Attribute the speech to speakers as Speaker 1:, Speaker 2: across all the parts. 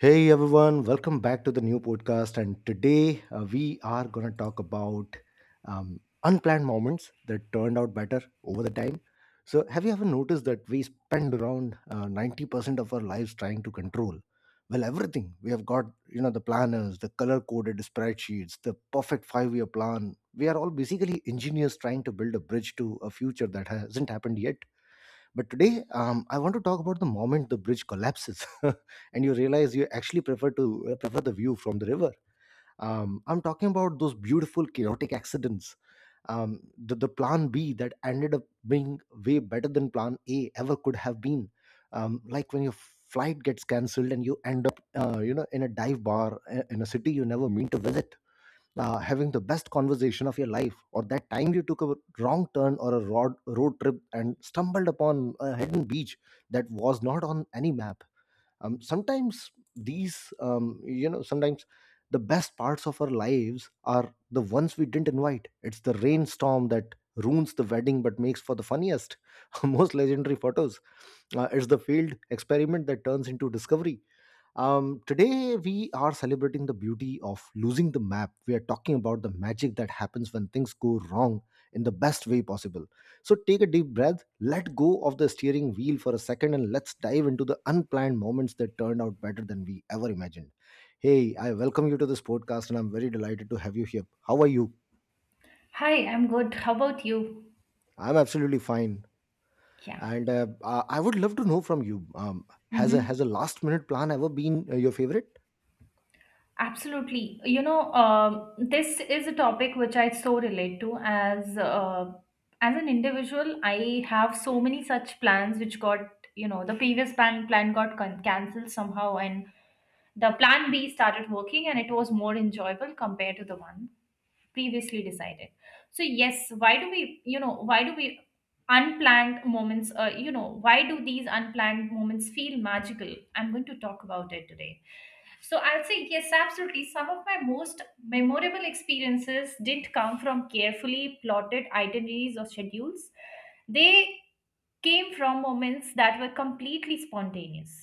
Speaker 1: Hey everyone, welcome back to the new podcast. And today we are going to talk about unplanned moments that turned out better over the time. So, have you ever noticed that we spend around 90% of our lives trying to control? Well, everything. We have got, you know, the planners, the color coded spreadsheets, the perfect 5 year plan. We are all basically engineers trying to build a bridge to a future that hasn't happened yet. But today, I want to talk about the moment the bridge collapses, and you realize you actually prefer the view from the river. I'm talking about those beautiful chaotic accidents. The plan B that ended up being way better than plan A ever could have been. Like when your flight gets cancelled and you end up, you know, in a dive bar in a city you never mean to visit, having the best conversation of your life, or that time you took a wrong turn or a road trip and stumbled upon a hidden beach that was not on any map. Sometimes the best parts of our lives are the ones we didn't invite. It's the rainstorm that ruins the wedding but makes for the funniest, most legendary photos. It's the failed experiment that turns into discovery. Today, we are celebrating the beauty of losing the map. We are talking about the magic that happens when things go wrong in the best way possible. So, take a deep breath, let go of the steering wheel for a second, and let's dive into the unplanned moments that turned out better than we ever imagined. Hey, I welcome you to this podcast, and I'm very delighted to have you here. How are you?
Speaker 2: Hi, I'm good. How about you?
Speaker 1: I'm absolutely fine.
Speaker 2: Yeah.
Speaker 1: And I would love to know from you. Um, has a
Speaker 2: Mm-hmm.
Speaker 1: has a last minute plan ever been your favorite?
Speaker 2: Absolutely. This is a topic which I so relate to as an individual. I have so many such plans which got the previous plan got cancelled somehow, and the plan B started working, and it was more enjoyable compared to the one previously decided. So yes, why do we unplanned moments why do these unplanned moments feel magical? I'm going to talk about it today. So I'll say yes, absolutely, some of my most memorable experiences didn't come from carefully plotted itineraries or schedules. They came from moments that were completely spontaneous,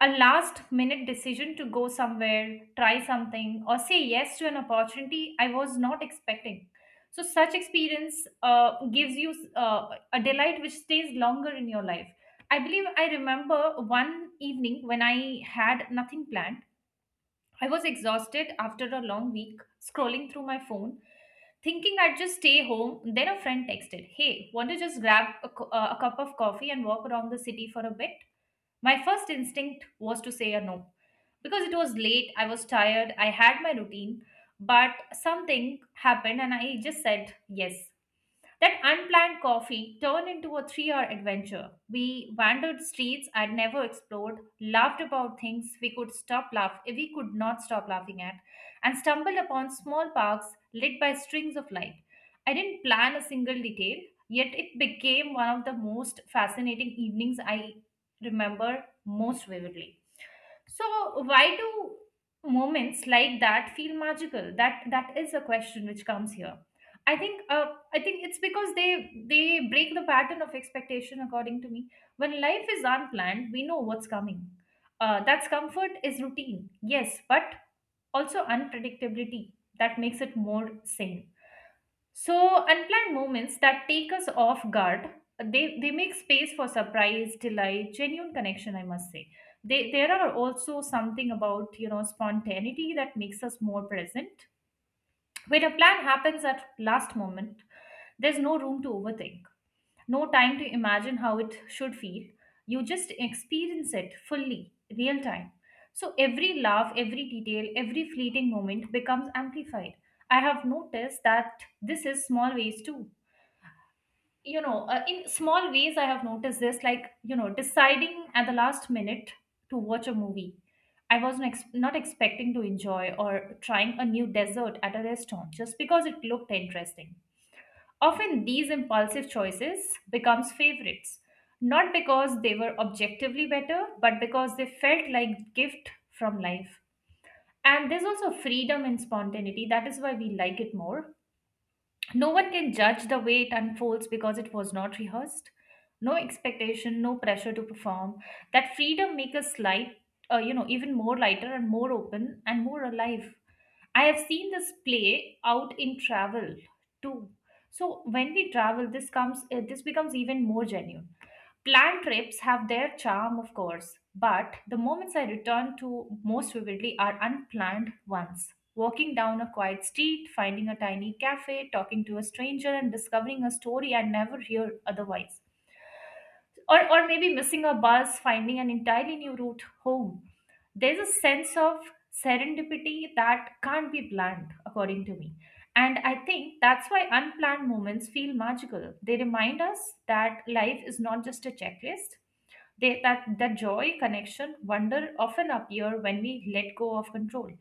Speaker 2: a last minute decision to go somewhere, try something, or say yes to an opportunity I was not expecting. So such experience gives you a delight which stays longer in your life. I believe I remember one evening when I had nothing planned. I was exhausted after a long week, scrolling through my phone, thinking I'd just stay home. Then a friend texted, "Hey, want to just grab a, a cup of coffee and walk around the city for a bit?" My first instinct was to say a no. Because it was late, I was tired, I had my routine, but something happened and I just said yes. That unplanned coffee turned into a 3 hour adventure. We wandered streets I'd never explored, laughed about things we could stop laugh we could not stop laughing at, and stumbled upon small parks lit by strings of light. I didn't plan a single detail, yet it became one of the most fascinating evenings I remember most vividly. So why do moments like that feel magical? That is a question which comes here. I think uh, I think it's because they break the pattern of expectation, according to me. When life is unplanned, we know what's coming. That's comfort is routine, yes, but also unpredictability that makes it more sane. So unplanned moments that take us off guard, they make space for surprise, delight, genuine connection, I must say. They, there are also something about, you know, spontaneity that makes us more present. When a plan happens at last moment, there's no room to overthink, no time to imagine how it should feel. You just experience it fully, real time. So every laugh, every detail, every fleeting moment becomes amplified. I have noticed that this is small ways too. In small ways, I have noticed this, like, you know, deciding at the last minute to watch a movie. I was not expecting to enjoy or trying a new dessert at a restaurant just because it looked interesting. Often these impulsive choices becomes favorites, not because they were objectively better, but because they felt like gift from life. And there's also freedom and spontaneity. That is why we like it more. No one can judge the way it unfolds because it was not rehearsed. No expectation, no pressure to perform. That freedom makes us light, you know, even more lighter and more open and more alive. I have seen this play out in travel too. So when we travel, this becomes even more genuine. Planned trips have their charm, of course, but the moments I return to most vividly are unplanned ones. Walking down a quiet street, finding a tiny cafe, talking to a stranger, and discovering a story I never hear otherwise. Or maybe missing a bus, finding an entirely new route home, there's a sense of serendipity that can't be planned, according to me. And I think that's why unplanned moments feel magical. They remind us that life is not just a checklist. They, that the joy, connection, wonder often appear when we let go of control.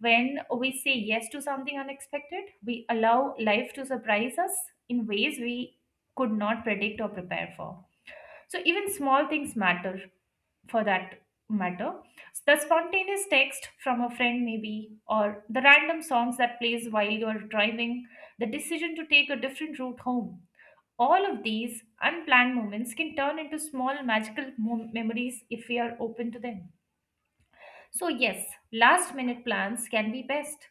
Speaker 2: When we say yes to something unexpected, we allow life to surprise us in ways we could not predict or prepare for. So even small things matter for that matter. The spontaneous text from a friend maybe, or the random songs that plays while you're driving, the decision to take a different route home. All of these unplanned moments can turn into small magical memories if we are open to them. So yes, last minute plans can be best.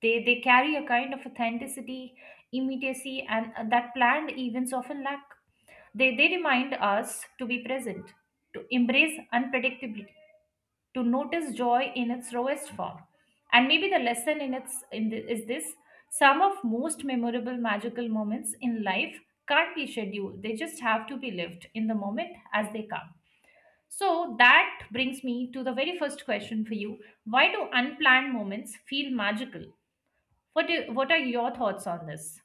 Speaker 2: They carry a kind of authenticity, immediacy, and that planned events often lack. They remind us to be present, to embrace unpredictability, to notice joy in its rawest form. And maybe the lesson in its in the, is this: some of most memorable magical moments in life can't be scheduled. They just have to be lived in the moment as they come. So that brings me to the very first question for you. Why do unplanned moments feel magical? What are your thoughts on this?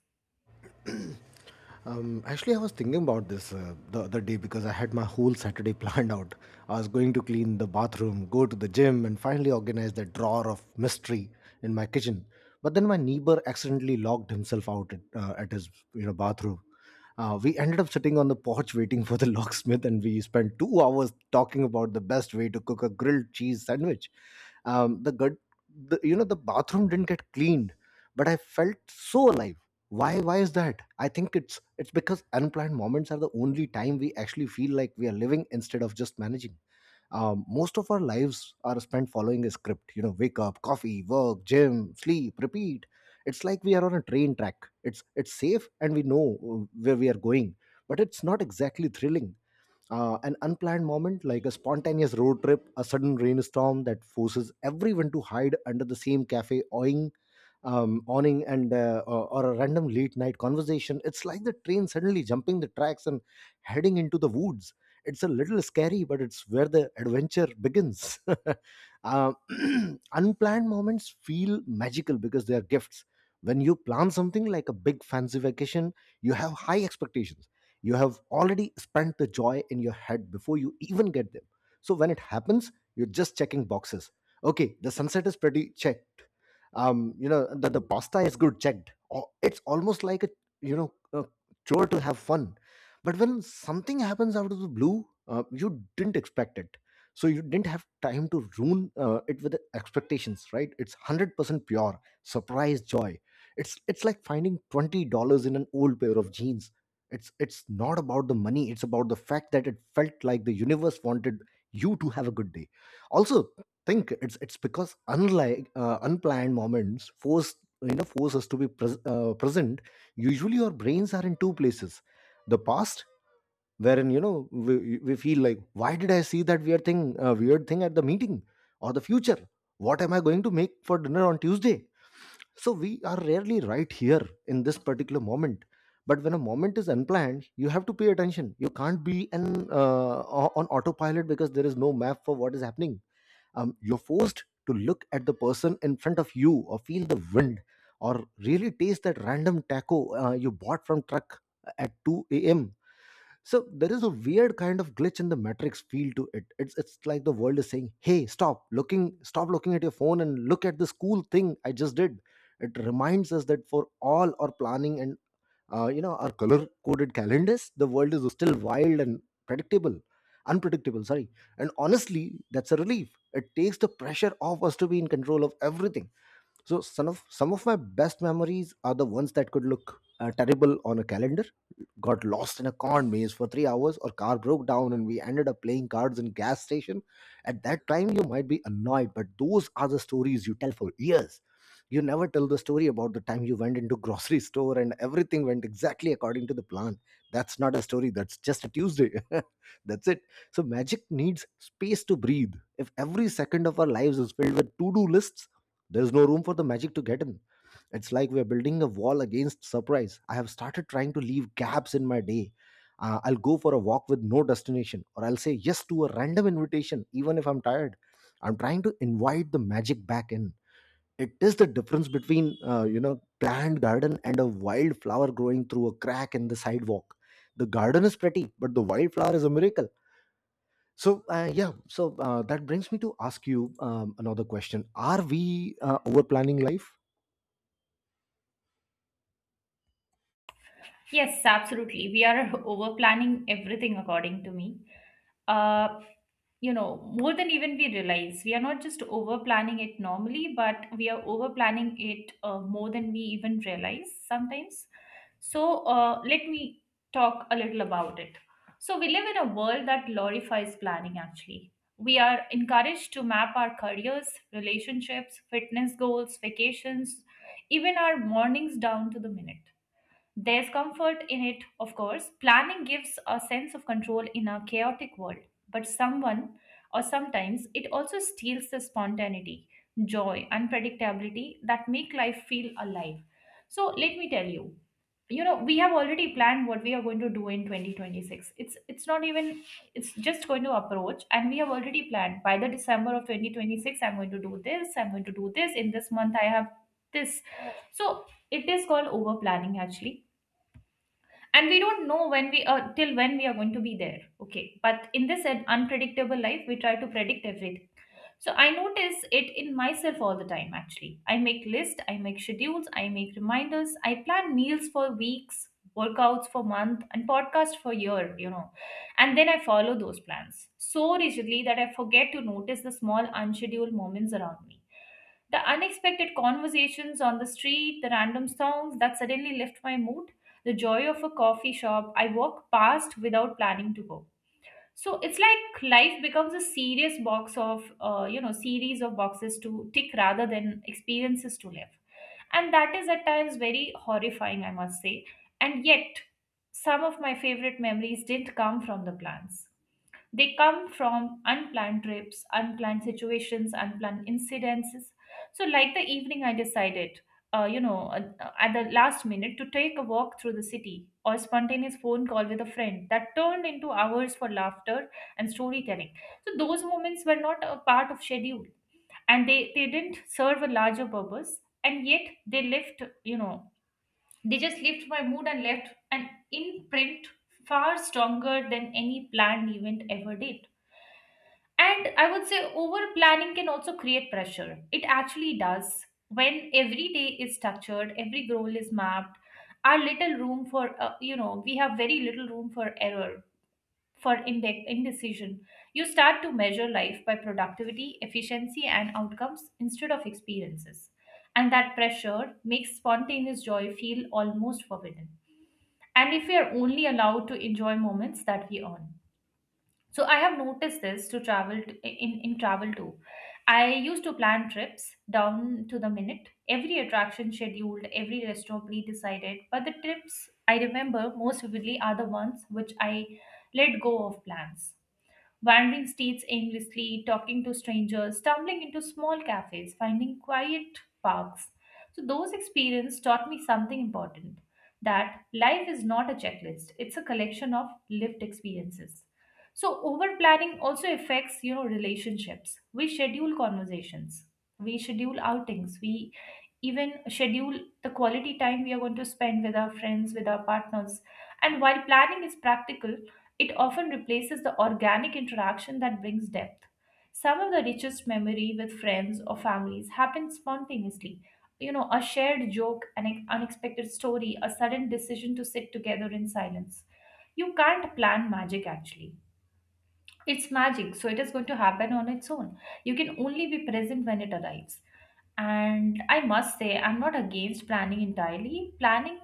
Speaker 1: Actually, I was thinking about this the other day because I had my whole Saturday planned out. I was going to clean the bathroom, go to the gym, and finally organize that drawer of mystery in my kitchen. But then my neighbor accidentally locked himself out at his, you know, bathroom. We ended up sitting on the porch waiting for the locksmith, and we spent 2 hours talking about the best way to cook a grilled cheese sandwich. Um, the gut, you know, the bathroom didn't get cleaned, but I felt so alive. Why is that? I think it's because unplanned moments are the only time we actually feel like we are living instead of just managing. Most of our lives are spent following a script, you know: wake up, coffee, work, gym, sleep, repeat. It's like we are on a train track. It's safe and we know where we are going, but it's not exactly thrilling. An unplanned moment, like a spontaneous road trip, a sudden rainstorm that forces everyone to hide under the same cafe awning, awning and or a random late night conversation. It's like the train suddenly jumping the tracks and heading into the woods. It's a little scary, but it's where the adventure begins. Um Unplanned moments feel magical because they are gifts. When you plan something like a big fancy vacation, you have high expectations. You have already spent the joy in your head before you even get them. So when it happens, you're just checking boxes. Okay, the sunset is pretty, checked. You know, the pasta is good, checked. Oh, it's almost like a, you know, a chore to have fun. But when something happens out of the blue, you didn't expect it. So you didn't have time to ruin it with expectations, right? It's 100% pure surprise joy. It's like finding $20 in an old pair of jeans. It's not about the money, it's about the fact that it felt like the universe wanted you to have a good day. Also, think it's because unlike unplanned moments force, force us to be present. Usually our brains are in two places: the past, wherein, you know, we feel like, why did I see that weird thing at the meeting? Or the future, what am I going to make for dinner on Tuesday? So we are rarely right here, in this particular moment. But when a moment is unplanned, you have to pay attention. You can't be an on autopilot because there is no map for what is happening. You're forced to look at the person in front of you, or feel the wind, or really taste that random taco you bought from truck at 2 a.m. So there is a weird kind of glitch in the matrix feel to it. It's like the world is saying, "Hey, stop looking at your phone and look at this cool thing I just did." It reminds us that for all our planning and, you know, our color-coded calendars, the world is still wild and predictable, unpredictable. Sorry. And honestly, that's a relief. It takes the pressure off us to be in control of everything. So some of my best memories are the ones that could look terrible on a calendar. Got lost in a corn maze for 3 hours, or car broke down, and we ended up playing cards in gas station. At that time, you might be annoyed, but those are the stories you tell for years. You never tell the story about the time you went into grocery store and everything went exactly according to the plan. That's not a story. That's just a Tuesday. That's it. So magic needs space to breathe. If every second of our lives is filled with to-do lists, there's no room for the magic to get in. It's like we're building a wall against surprise. I have started trying to leave gaps in my day. I'll go for a walk with no destination, or I'll say yes to a random invitation, even if I'm tired. I'm trying to invite the magic back in. It is the difference between, you know, planned garden and a wild flower growing through a crack in the sidewalk. The garden is pretty, but the wildflower is a miracle. So yeah, so that brings me to ask you another question: are we over planning life?
Speaker 2: Yes, absolutely. We are over planning everything, according to me. Uh, you know, more than even we realize, we are not just over planning it normally, but we are over planning it more than we even realize sometimes. So, let me talk a little about it. So, we live in a world that glorifies planning actually. We are encouraged to map our careers, relationships, fitness goals, vacations, even our mornings down to the minute. There's comfort in it, of course. Planning gives a sense of control in a chaotic world, but someone or sometimes it also steals the spontaneity, joy, unpredictability that make life feel alive. So let me tell you, you know, we have already planned what we are going to do in 2026. It's not even, it's just going to approach and we have already planned by the December of 2026. I'm going to do this, I'm going to do this, in this month I have this. So it is called over planning, actually, and we don't know when we are, till when we are going to be there, okay? But in this unpredictable life we try to predict everything. So I notice it in myself all the time, actually. I make lists, I make schedules, I make reminders, I plan meals for weeks, workouts for month and podcast for year, you know. And then I follow those plans so rigidly that I forget to notice the small unscheduled moments around me. The unexpected conversations on the street, the random songs that suddenly lift my mood, the joy of a coffee shop I walk past without planning to go. So it's like life becomes a serious box of you know series of boxes to tick rather than experiences to live, and that is at times very horrifying, I must say. And yet some of my favorite memories didn't come from the plans. They come from unplanned trips, unplanned situations, unplanned incidences. So, like the evening, I decided at the last minute to take a walk through the city, or spontaneous phone call with a friend that turned into hours for laughter and storytelling. So, those moments were not a part of schedule and they didn't serve a larger purpose, and yet they left, you know, they just left my mood and left an imprint far stronger than any planned event ever did. And I would say over planning can also create pressure. It actually does. When every day is structured, every goal is mapped, our little room for, you know, we have very little room for error, for indecision. You start to measure life by productivity, efficiency, and outcomes instead of experiences. And that pressure makes spontaneous joy feel almost forbidden. And if we are only allowed to enjoy moments that we earn. So I have noticed this to travel t in travel too. I used to plan trips down to the minute, every attraction scheduled, every restaurant pre-decided. But the trips I remember most vividly are the ones which I let go of plans, wandering streets aimlessly, talking to strangers, stumbling into small cafes, finding quiet parks. So, those experiences taught me something important, that life is not a checklist, it's a collection of lived experiences. So, over planning also affects you know relationships. We schedule conversations, we schedule outings, we even schedule the quality time we are going to spend with our friends, with our partners. And while planning is practical, it often replaces the organic interaction that brings depth. Some of the richest memory with friends or families happens spontaneously. You know, a shared joke, an unexpected story, a sudden decision to sit together in silence. You can't plan magic, actually. It's magic, so it is going to happen on its own. You can only be present when it arrives. And I must say, I'm not against planning entirely. Planning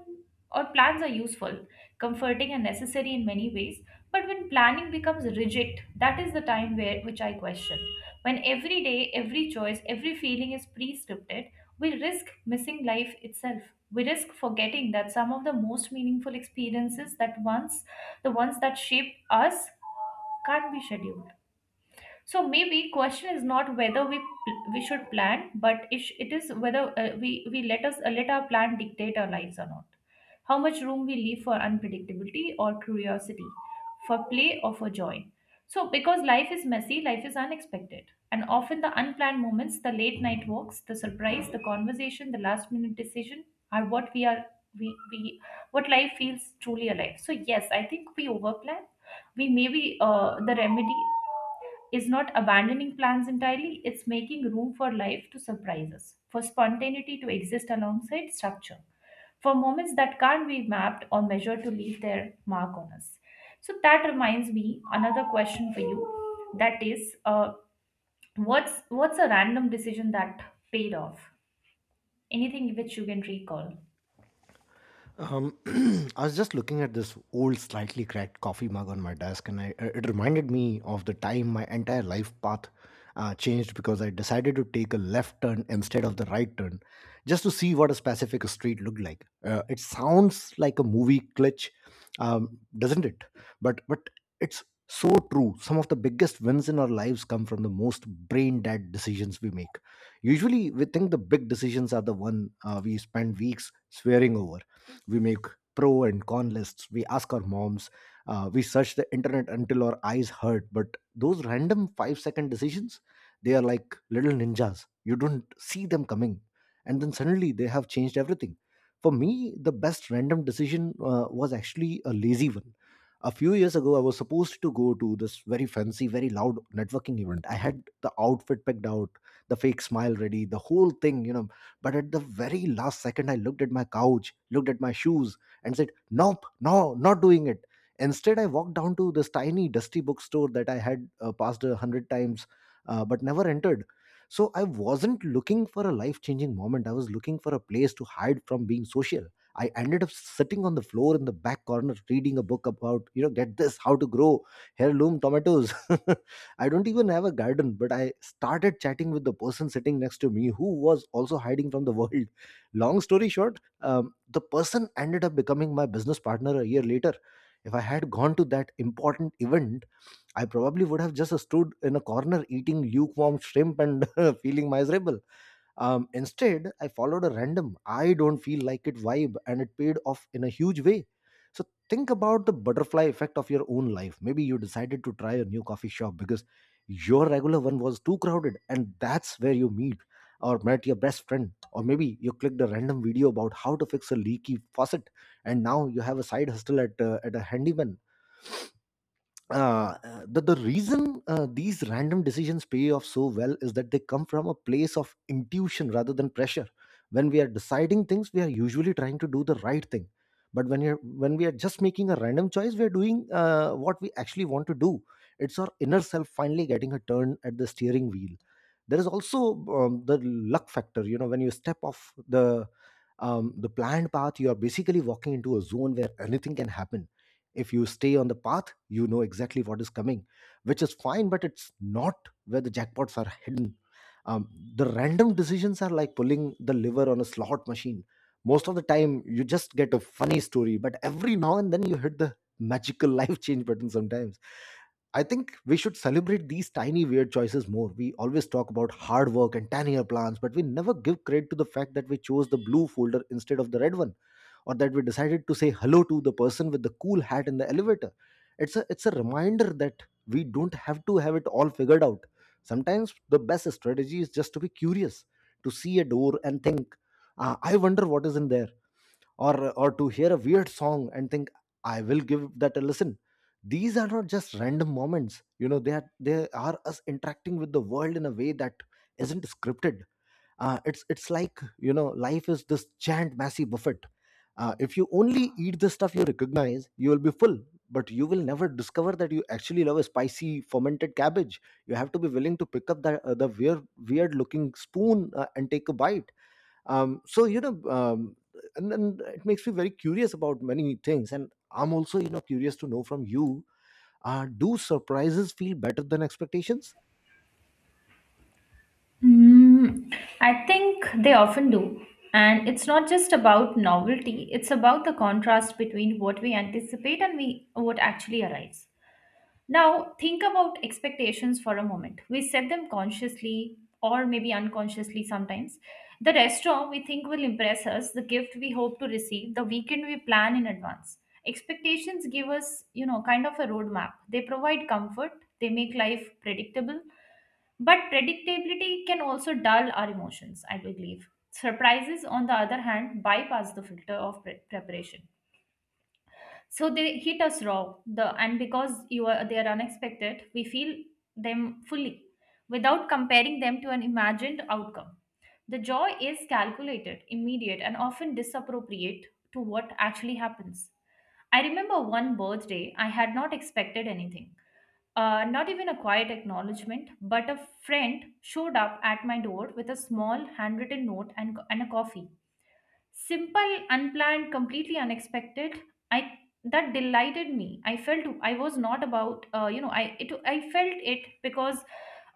Speaker 2: or Plans are useful, comforting, and necessary in many ways. But when planning becomes rigid, that is the time where which I question. When every day, every choice, every feeling is pre-scripted, we risk missing life itself. We risk forgetting that some of the most meaningful experiences that once, the ones that shape us, can't be scheduled. So maybe question is not whether we should plan, but it is whether we let our plan dictate our lives or not. How much room we leave for unpredictability or curiosity, for play or for joy? So because life is messy, life is unexpected, and often the unplanned moments, the late night walks, the surprise, the conversation, the last minute decision, are what we are. We What life feels truly alive. So yes, I think we overplan. We maybe The remedy is not abandoning plans entirely, it's making room for life to surprise us, for spontaneity to exist alongside structure, for moments that can't be mapped or measured to leave their mark on us. So that reminds me another question for you, that is, what's a random decision that paid off, anything which you can recall?
Speaker 1: Um, I was just looking at this old, slightly cracked coffee mug on my desk, and it reminded me of the time my entire life path changed because I decided to take a left turn instead of the right turn just to see what a specific street looked like. It sounds like a movie glitch, doesn't it? But it's so true. Some of the biggest wins in our lives come from the most brain dead decisions we make. Usually, we think the big decisions are the one we spend weeks swearing over. We make pro and con lists, we ask our moms, we search the internet until our eyes hurt. But those random 5 second decisions, they are like little ninjas. You don't see them coming, and then suddenly they have changed everything. For me, the best random decision was actually a lazy one. A few years ago, I was supposed to go to this very fancy, very loud networking event. I had the outfit picked out, the fake smile ready, the whole thing, you know. But at the very last second, I looked at my couch, looked at my shoes, and said, "Nope, no, not doing it." Instead, I walked down to this tiny, dusty bookstore that I had passed 100 times, but never entered. So I wasn't looking for a life changing moment. I was looking for a place to hide from being social. I ended up sitting on the floor in the back corner reading a book about, you know, get this, how to grow heirloom tomatoes. I don't even have a garden, but I started chatting with the person sitting next to me who was also hiding from the world. Long story short, the person ended up becoming my business partner a year later. If I had gone to that important event, I probably would have just stood in a corner eating lukewarm shrimp and feeling miserable. Instead, I followed a random, "I don't feel like it" vibe, and it paid off in a huge way. So, think about the butterfly effect of your own life. Maybe you decided to try a new coffee shop because your regular one was too crowded, and that's where you meet or met your best friend. Or maybe you clicked a random video about how to fix a leaky faucet, and now you have a side hustle at, at a handyman. The reason these random decisions pay off so well is that they come from a place of intuition rather than pressure. When we are deciding things, we are usually trying to do the right thing, but when we are just making a random choice, we are doing what we actually want to do. It's our inner self finally getting a turn at the steering wheel. There is also the luck factor. You know, when you step off the planned path, you are basically walking into a zone where anything can happen. If you stay on the path, you know exactly what is coming, which is fine, but it's not where the jackpots are hidden. um, the random decisions are like pulling the lever on a slot machine. Most of the time you just get a funny story, but every now and then you hit the magical life change button. Sometimes I think we should celebrate these tiny weird choices more. We always talk about hard work and 10-year plans, but we never give credit to the fact that we chose the blue folder instead of the red one, or that we decided to say hello to the person with the cool hat in the elevator. It's a reminder that we don't have to have it all figured out. Sometimes the best strategy is just to be curious, to see a door and think, "Ah, I wonder what is in there," or to hear a weird song and think, "I will give that a listen." These are not just random moments. You know, they are us interacting with the world in a way that isn't scripted. It's like, you know, life is this giant massive buffet. If you only eat the stuff you recognize, you will be full, but you will never discover that you actually love a spicy fermented cabbage. You have to be willing to pick up that the weird looking spoon and take a bite. um, so you know um, and then it makes me very curious about many things, and I'm also, you know, curious to know from you, do surprises feel better than expectations?
Speaker 2: Mm, I think they often do. And it's not just about novelty, it's about the contrast between what we anticipate and we what actually arrives. Now, think about expectations for a moment. We set them consciously or maybe unconsciously sometimes. The restaurant we think will impress us, the gift we hope to receive, the weekend we plan in advance. Expectations give us, you know, kind of a roadmap. They provide comfort, they make life predictable, but predictability can also dull our emotions, I believe. Surprises, on the other hand, bypass the filter of preparation. So they hit us raw. The and Because you are they are unexpected, we feel them fully without comparing them to an imagined outcome. The joy is calculated, immediate, and often disappropriate to what actually happens. I remember one birthday, I had not expected anything, not even a quiet acknowledgement. But a friend showed up at my door with a small handwritten note and a coffee. Simple, unplanned, completely unexpected. I That delighted me. I felt I was not about you know, I felt it because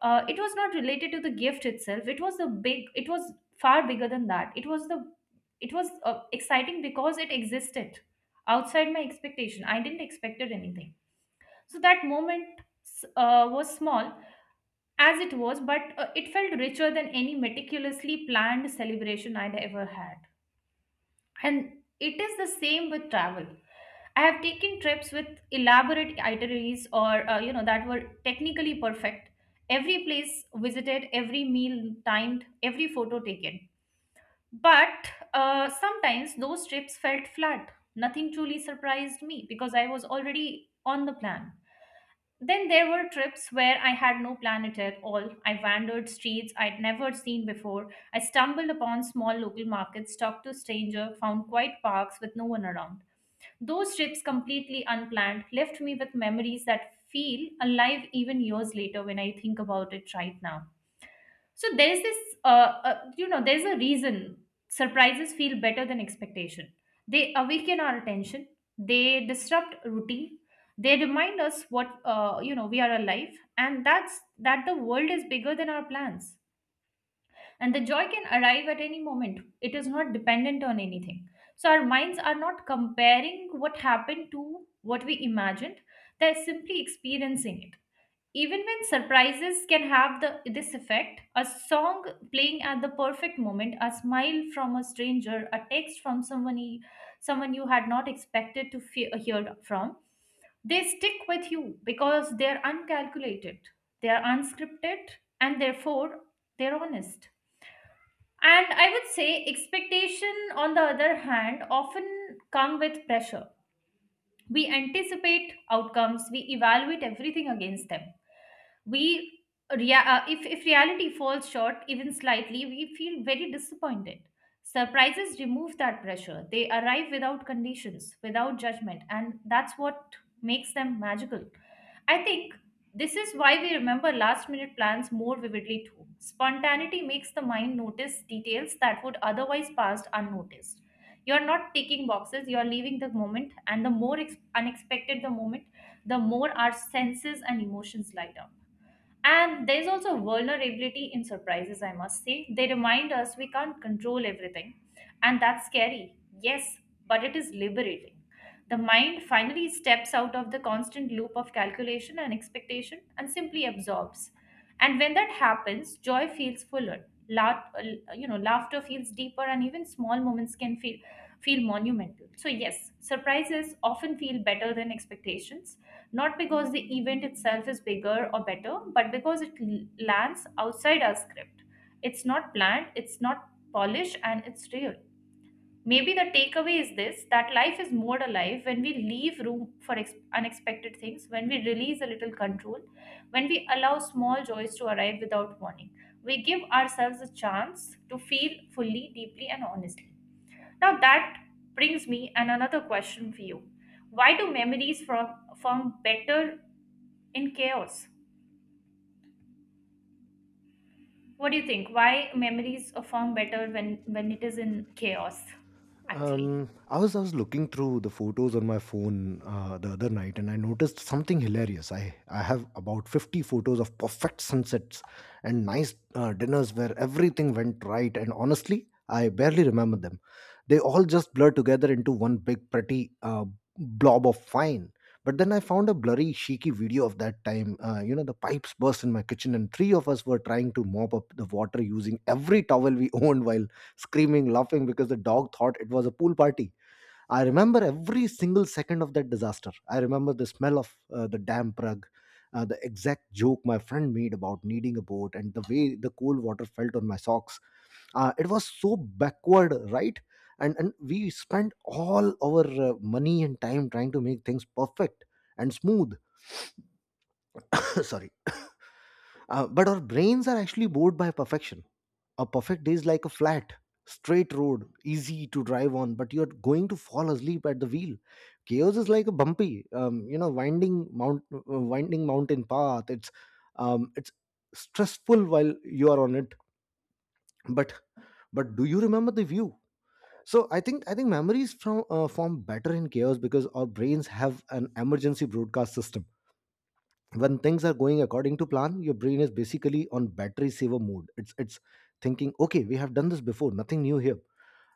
Speaker 2: it was not related to the gift itself. It was the big. It was far bigger than that. It was the, it was exciting because it existed outside my expectation. I didn't expected anything. So that moment, was small as it was, but it felt richer than any meticulously planned celebration I'd ever had. And it is the same with travel. I have taken trips with elaborate itineraries, or you know, that were technically perfect. Every place visited, every meal timed, every photo taken. But sometimes those trips felt flat. Nothing truly surprised me because I was already on the plan. Then there were trips where I had no plan at all. I wandered streets I'd never seen before. I stumbled upon small local markets, talked to strangers, found quiet parks with no one around. Those trips, completely unplanned, left me with memories that feel alive even years later when I think about it right now. So there's this, you know, there's a reason surprises feel better than expectation. They awaken our attention. They disrupt routine. They remind us what you know, we are alive, and that's that the world is bigger than our plans. And the joy can arrive at any moment. It is not dependent on anything. So our minds are not comparing what happened to what we imagined, they're simply experiencing it. Even when surprises can have this effect, a song playing at the perfect moment, a smile from a stranger, a text from someone, someone you had not expected to hear from, they stick with you because they're uncalculated, they're unscripted, and therefore they're honest. And I would say expectation, on the other hand, often come with pressure. We anticipate outcomes, we evaluate everything against them. We if reality falls short even slightly, we feel very disappointed. Surprises remove that pressure. They arrive without conditions, without judgment, and that's what makes them magical. I think this is why we remember last minute plans more vividly too. Spontaneity makes the mind notice details that would otherwise pass unnoticed. You're not ticking boxes, you're leaving the moment. And the more unexpected the moment, the more our senses and emotions light up. And there's also vulnerability in surprises, I must say. They remind us we can't control everything. And that's scary, yes, but it is liberating. The mind finally steps out of the constant loop of calculation and expectation and simply absorbs. And when that happens, joy feels fuller. You know, laughter feels deeper, and even small moments can feel monumental. So yes, surprises often feel better than expectations, not because the event itself is bigger or better, but because it lands outside our script. It's not planned, it's not polished, and it's real. Maybe the takeaway is this, that life is more alive when we leave room for unexpected things, when we release a little control, when we allow small joys to arrive without warning. We give ourselves a chance to feel fully, deeply, and honestly. Now that brings me an another question for you. Why do memories from form better in chaos? What do you think? Why memories form better when it is in chaos? Actually,
Speaker 1: I was looking through the photos on my phone the other night, and I noticed something hilarious. I have about 50 photos of perfect sunsets and nice dinners where everything went right. And honestly, I barely remember them. They all just blur together into one big pretty blob of fine. But then I found a blurry, cheeky video of that time. You know, the pipes burst in my kitchen, and three of us were trying to mop up the water using every towel we owned while screaming, laughing because the dog thought it was a pool party. I remember every single second of that disaster. I remember the smell of the damp rug, the exact joke my friend made about needing a boat, and the way the cold water felt on my socks. It was so backward, right? And we spent all our money and time trying to make things perfect and smooth. Sorry. But our brains are actually bored by perfection. A perfect day is like a flat straight road, easy to drive on, but you're going to fall asleep at the wheel. Chaos is like a bumpy, you know, winding mountain path. It's stressful while you are on it, but but do you remember the view? So I think memories from form better in chaos because our brains have an emergency broadcast system. When things are going according to plan, your brain is basically on battery saver mode. It's thinking, "Okay, we have done this before, nothing new here,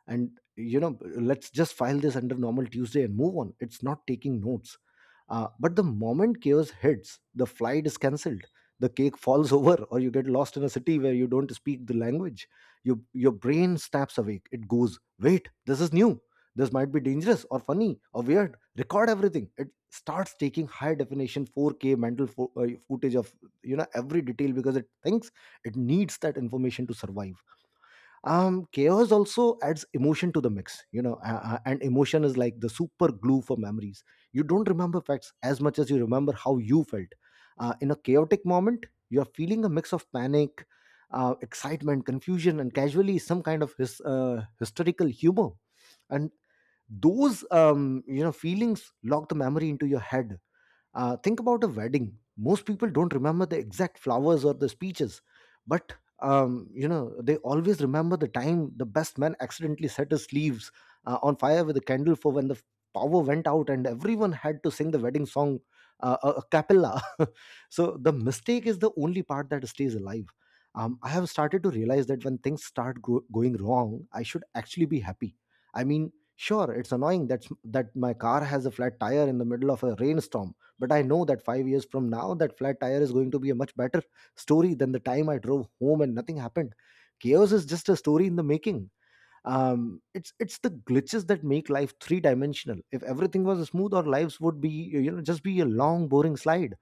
Speaker 1: and, you know, let's just file this under normal Tuesday and move on." It's not taking notes. But the moment chaos hits, the flight is cancelled, the cake falls over, or you get lost in a city where you don't speak the language, your brain snaps awake. It goes, "Wait, this is new, this might be dangerous or funny or weird, record everything." It starts taking high definition 4K mental footage of, you know, every detail because it thinks it needs that information to survive. Um, chaos also adds emotion to the mix, you know, and emotion is like the super glue for memories. You don't remember facts as much as you remember how you felt. In a chaotic moment, you're feeling a mix of panic, excitement, confusion, and casually some kind of hysterical humor, and those, you know, feelings lock the memory into your head. Think about a wedding. Most people don't remember the exact flowers or the speeches, but, you know, they always remember the time the best man accidentally set his sleeves on fire with a candle, for when the power went out and everyone had to sing the wedding song a cappella. So the mistake is the only part that stays alive. I have started to realize that when things start going wrong, I should actually be happy. I mean, sure, it's annoying that my car has a flat tire in the middle of a rainstorm, but I know that 5 years from now, that flat tire is going to be a much better story than the time I drove home and nothing happened. Chaos is just a story in the making. It's the glitches that make life three dimensional. If everything was smooth, our lives would, be you know, just be a long boring slide.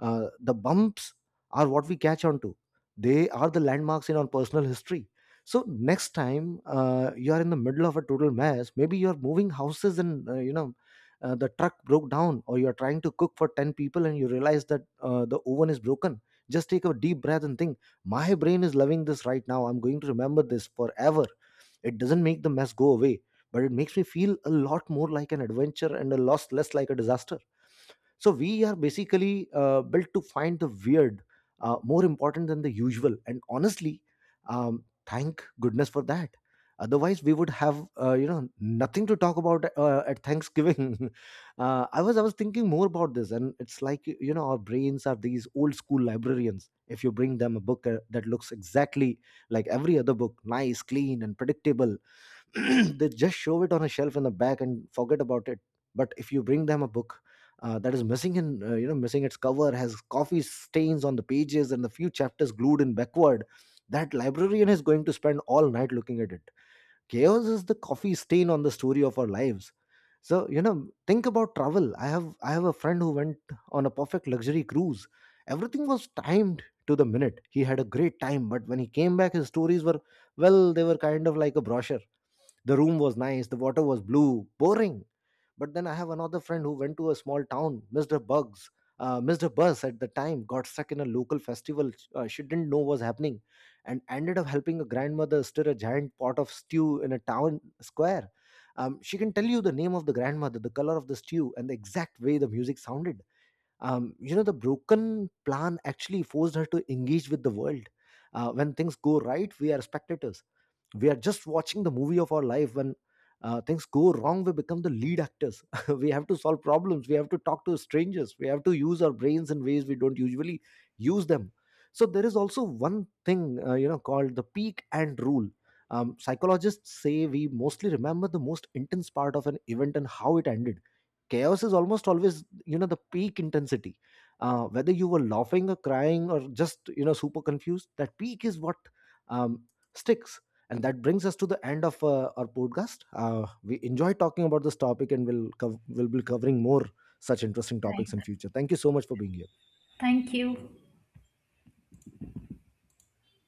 Speaker 1: The bumps are what we catch on to. They are the landmarks in our personal history. So next time you are in the middle of a total mess, maybe you are moving houses and, you know, the truck broke down, or you are trying to cook for ten people and you realize that the oven is broken. Just take a deep breath and think, "My brain is loving this right now. I'm going to remember this forever." It doesn't make the mess go away, but it makes me feel a lot more like an adventure and a loss less like a disaster. So we are basically built to find the weird more important than the usual. And honestly, thank goodness for that. Otherwise, we would have, you know, nothing to talk about at Thanksgiving. I was thinking more about this, and it's like, you know, our brains are these old school librarians. If you bring them a book that looks exactly like every other book, nice, clean, and predictable, they just show it on a shelf in the back and forget about it. But if you bring them a book that is missing in you know, missing its cover, has coffee stains on the pages, and the few chapters glued in backward, that librarian is going to spend all night looking at it. Chaos is the coffee stain on the story of our lives. So, you know, think about travel. I have a friend who went on a perfect luxury cruise. Everything was timed to the minute. He had a great time, but when he came back, his stories were, well, they were kind of like a brochure. The room was nice, the water was blue, boring. But then I have another friend who went to a small town, missed her bus at the time, got stuck in a local festival she didn't know was happening, and ended up helping a grandmother stir a giant pot of stew in a town square. She can tell you the name of the grandmother, the color of the stew, and the exact way the music sounded. You know, the broken plan actually forced her to engage with the world. When things go right, we are spectators. We are just watching the movie of our life. When things go wrong, we become the lead actors. We have to solve problems, we have to talk to strangers, we have to use our brains in ways we don't usually use them. So there is also one thing, you know, called the peak and rule. Um, psychologists say we mostly remember the most intense part of an event and how it ended. Chaos is almost always, you know, the peak intensity, whether you were laughing or crying or just, you know, super confused. That peak is what um, sticks. And that brings us to the end of our podcast. We enjoy talking about this topic and we'll be covering more such interesting topics in
Speaker 2: right.
Speaker 1: future. Thank you so much for being here.
Speaker 2: Thank you.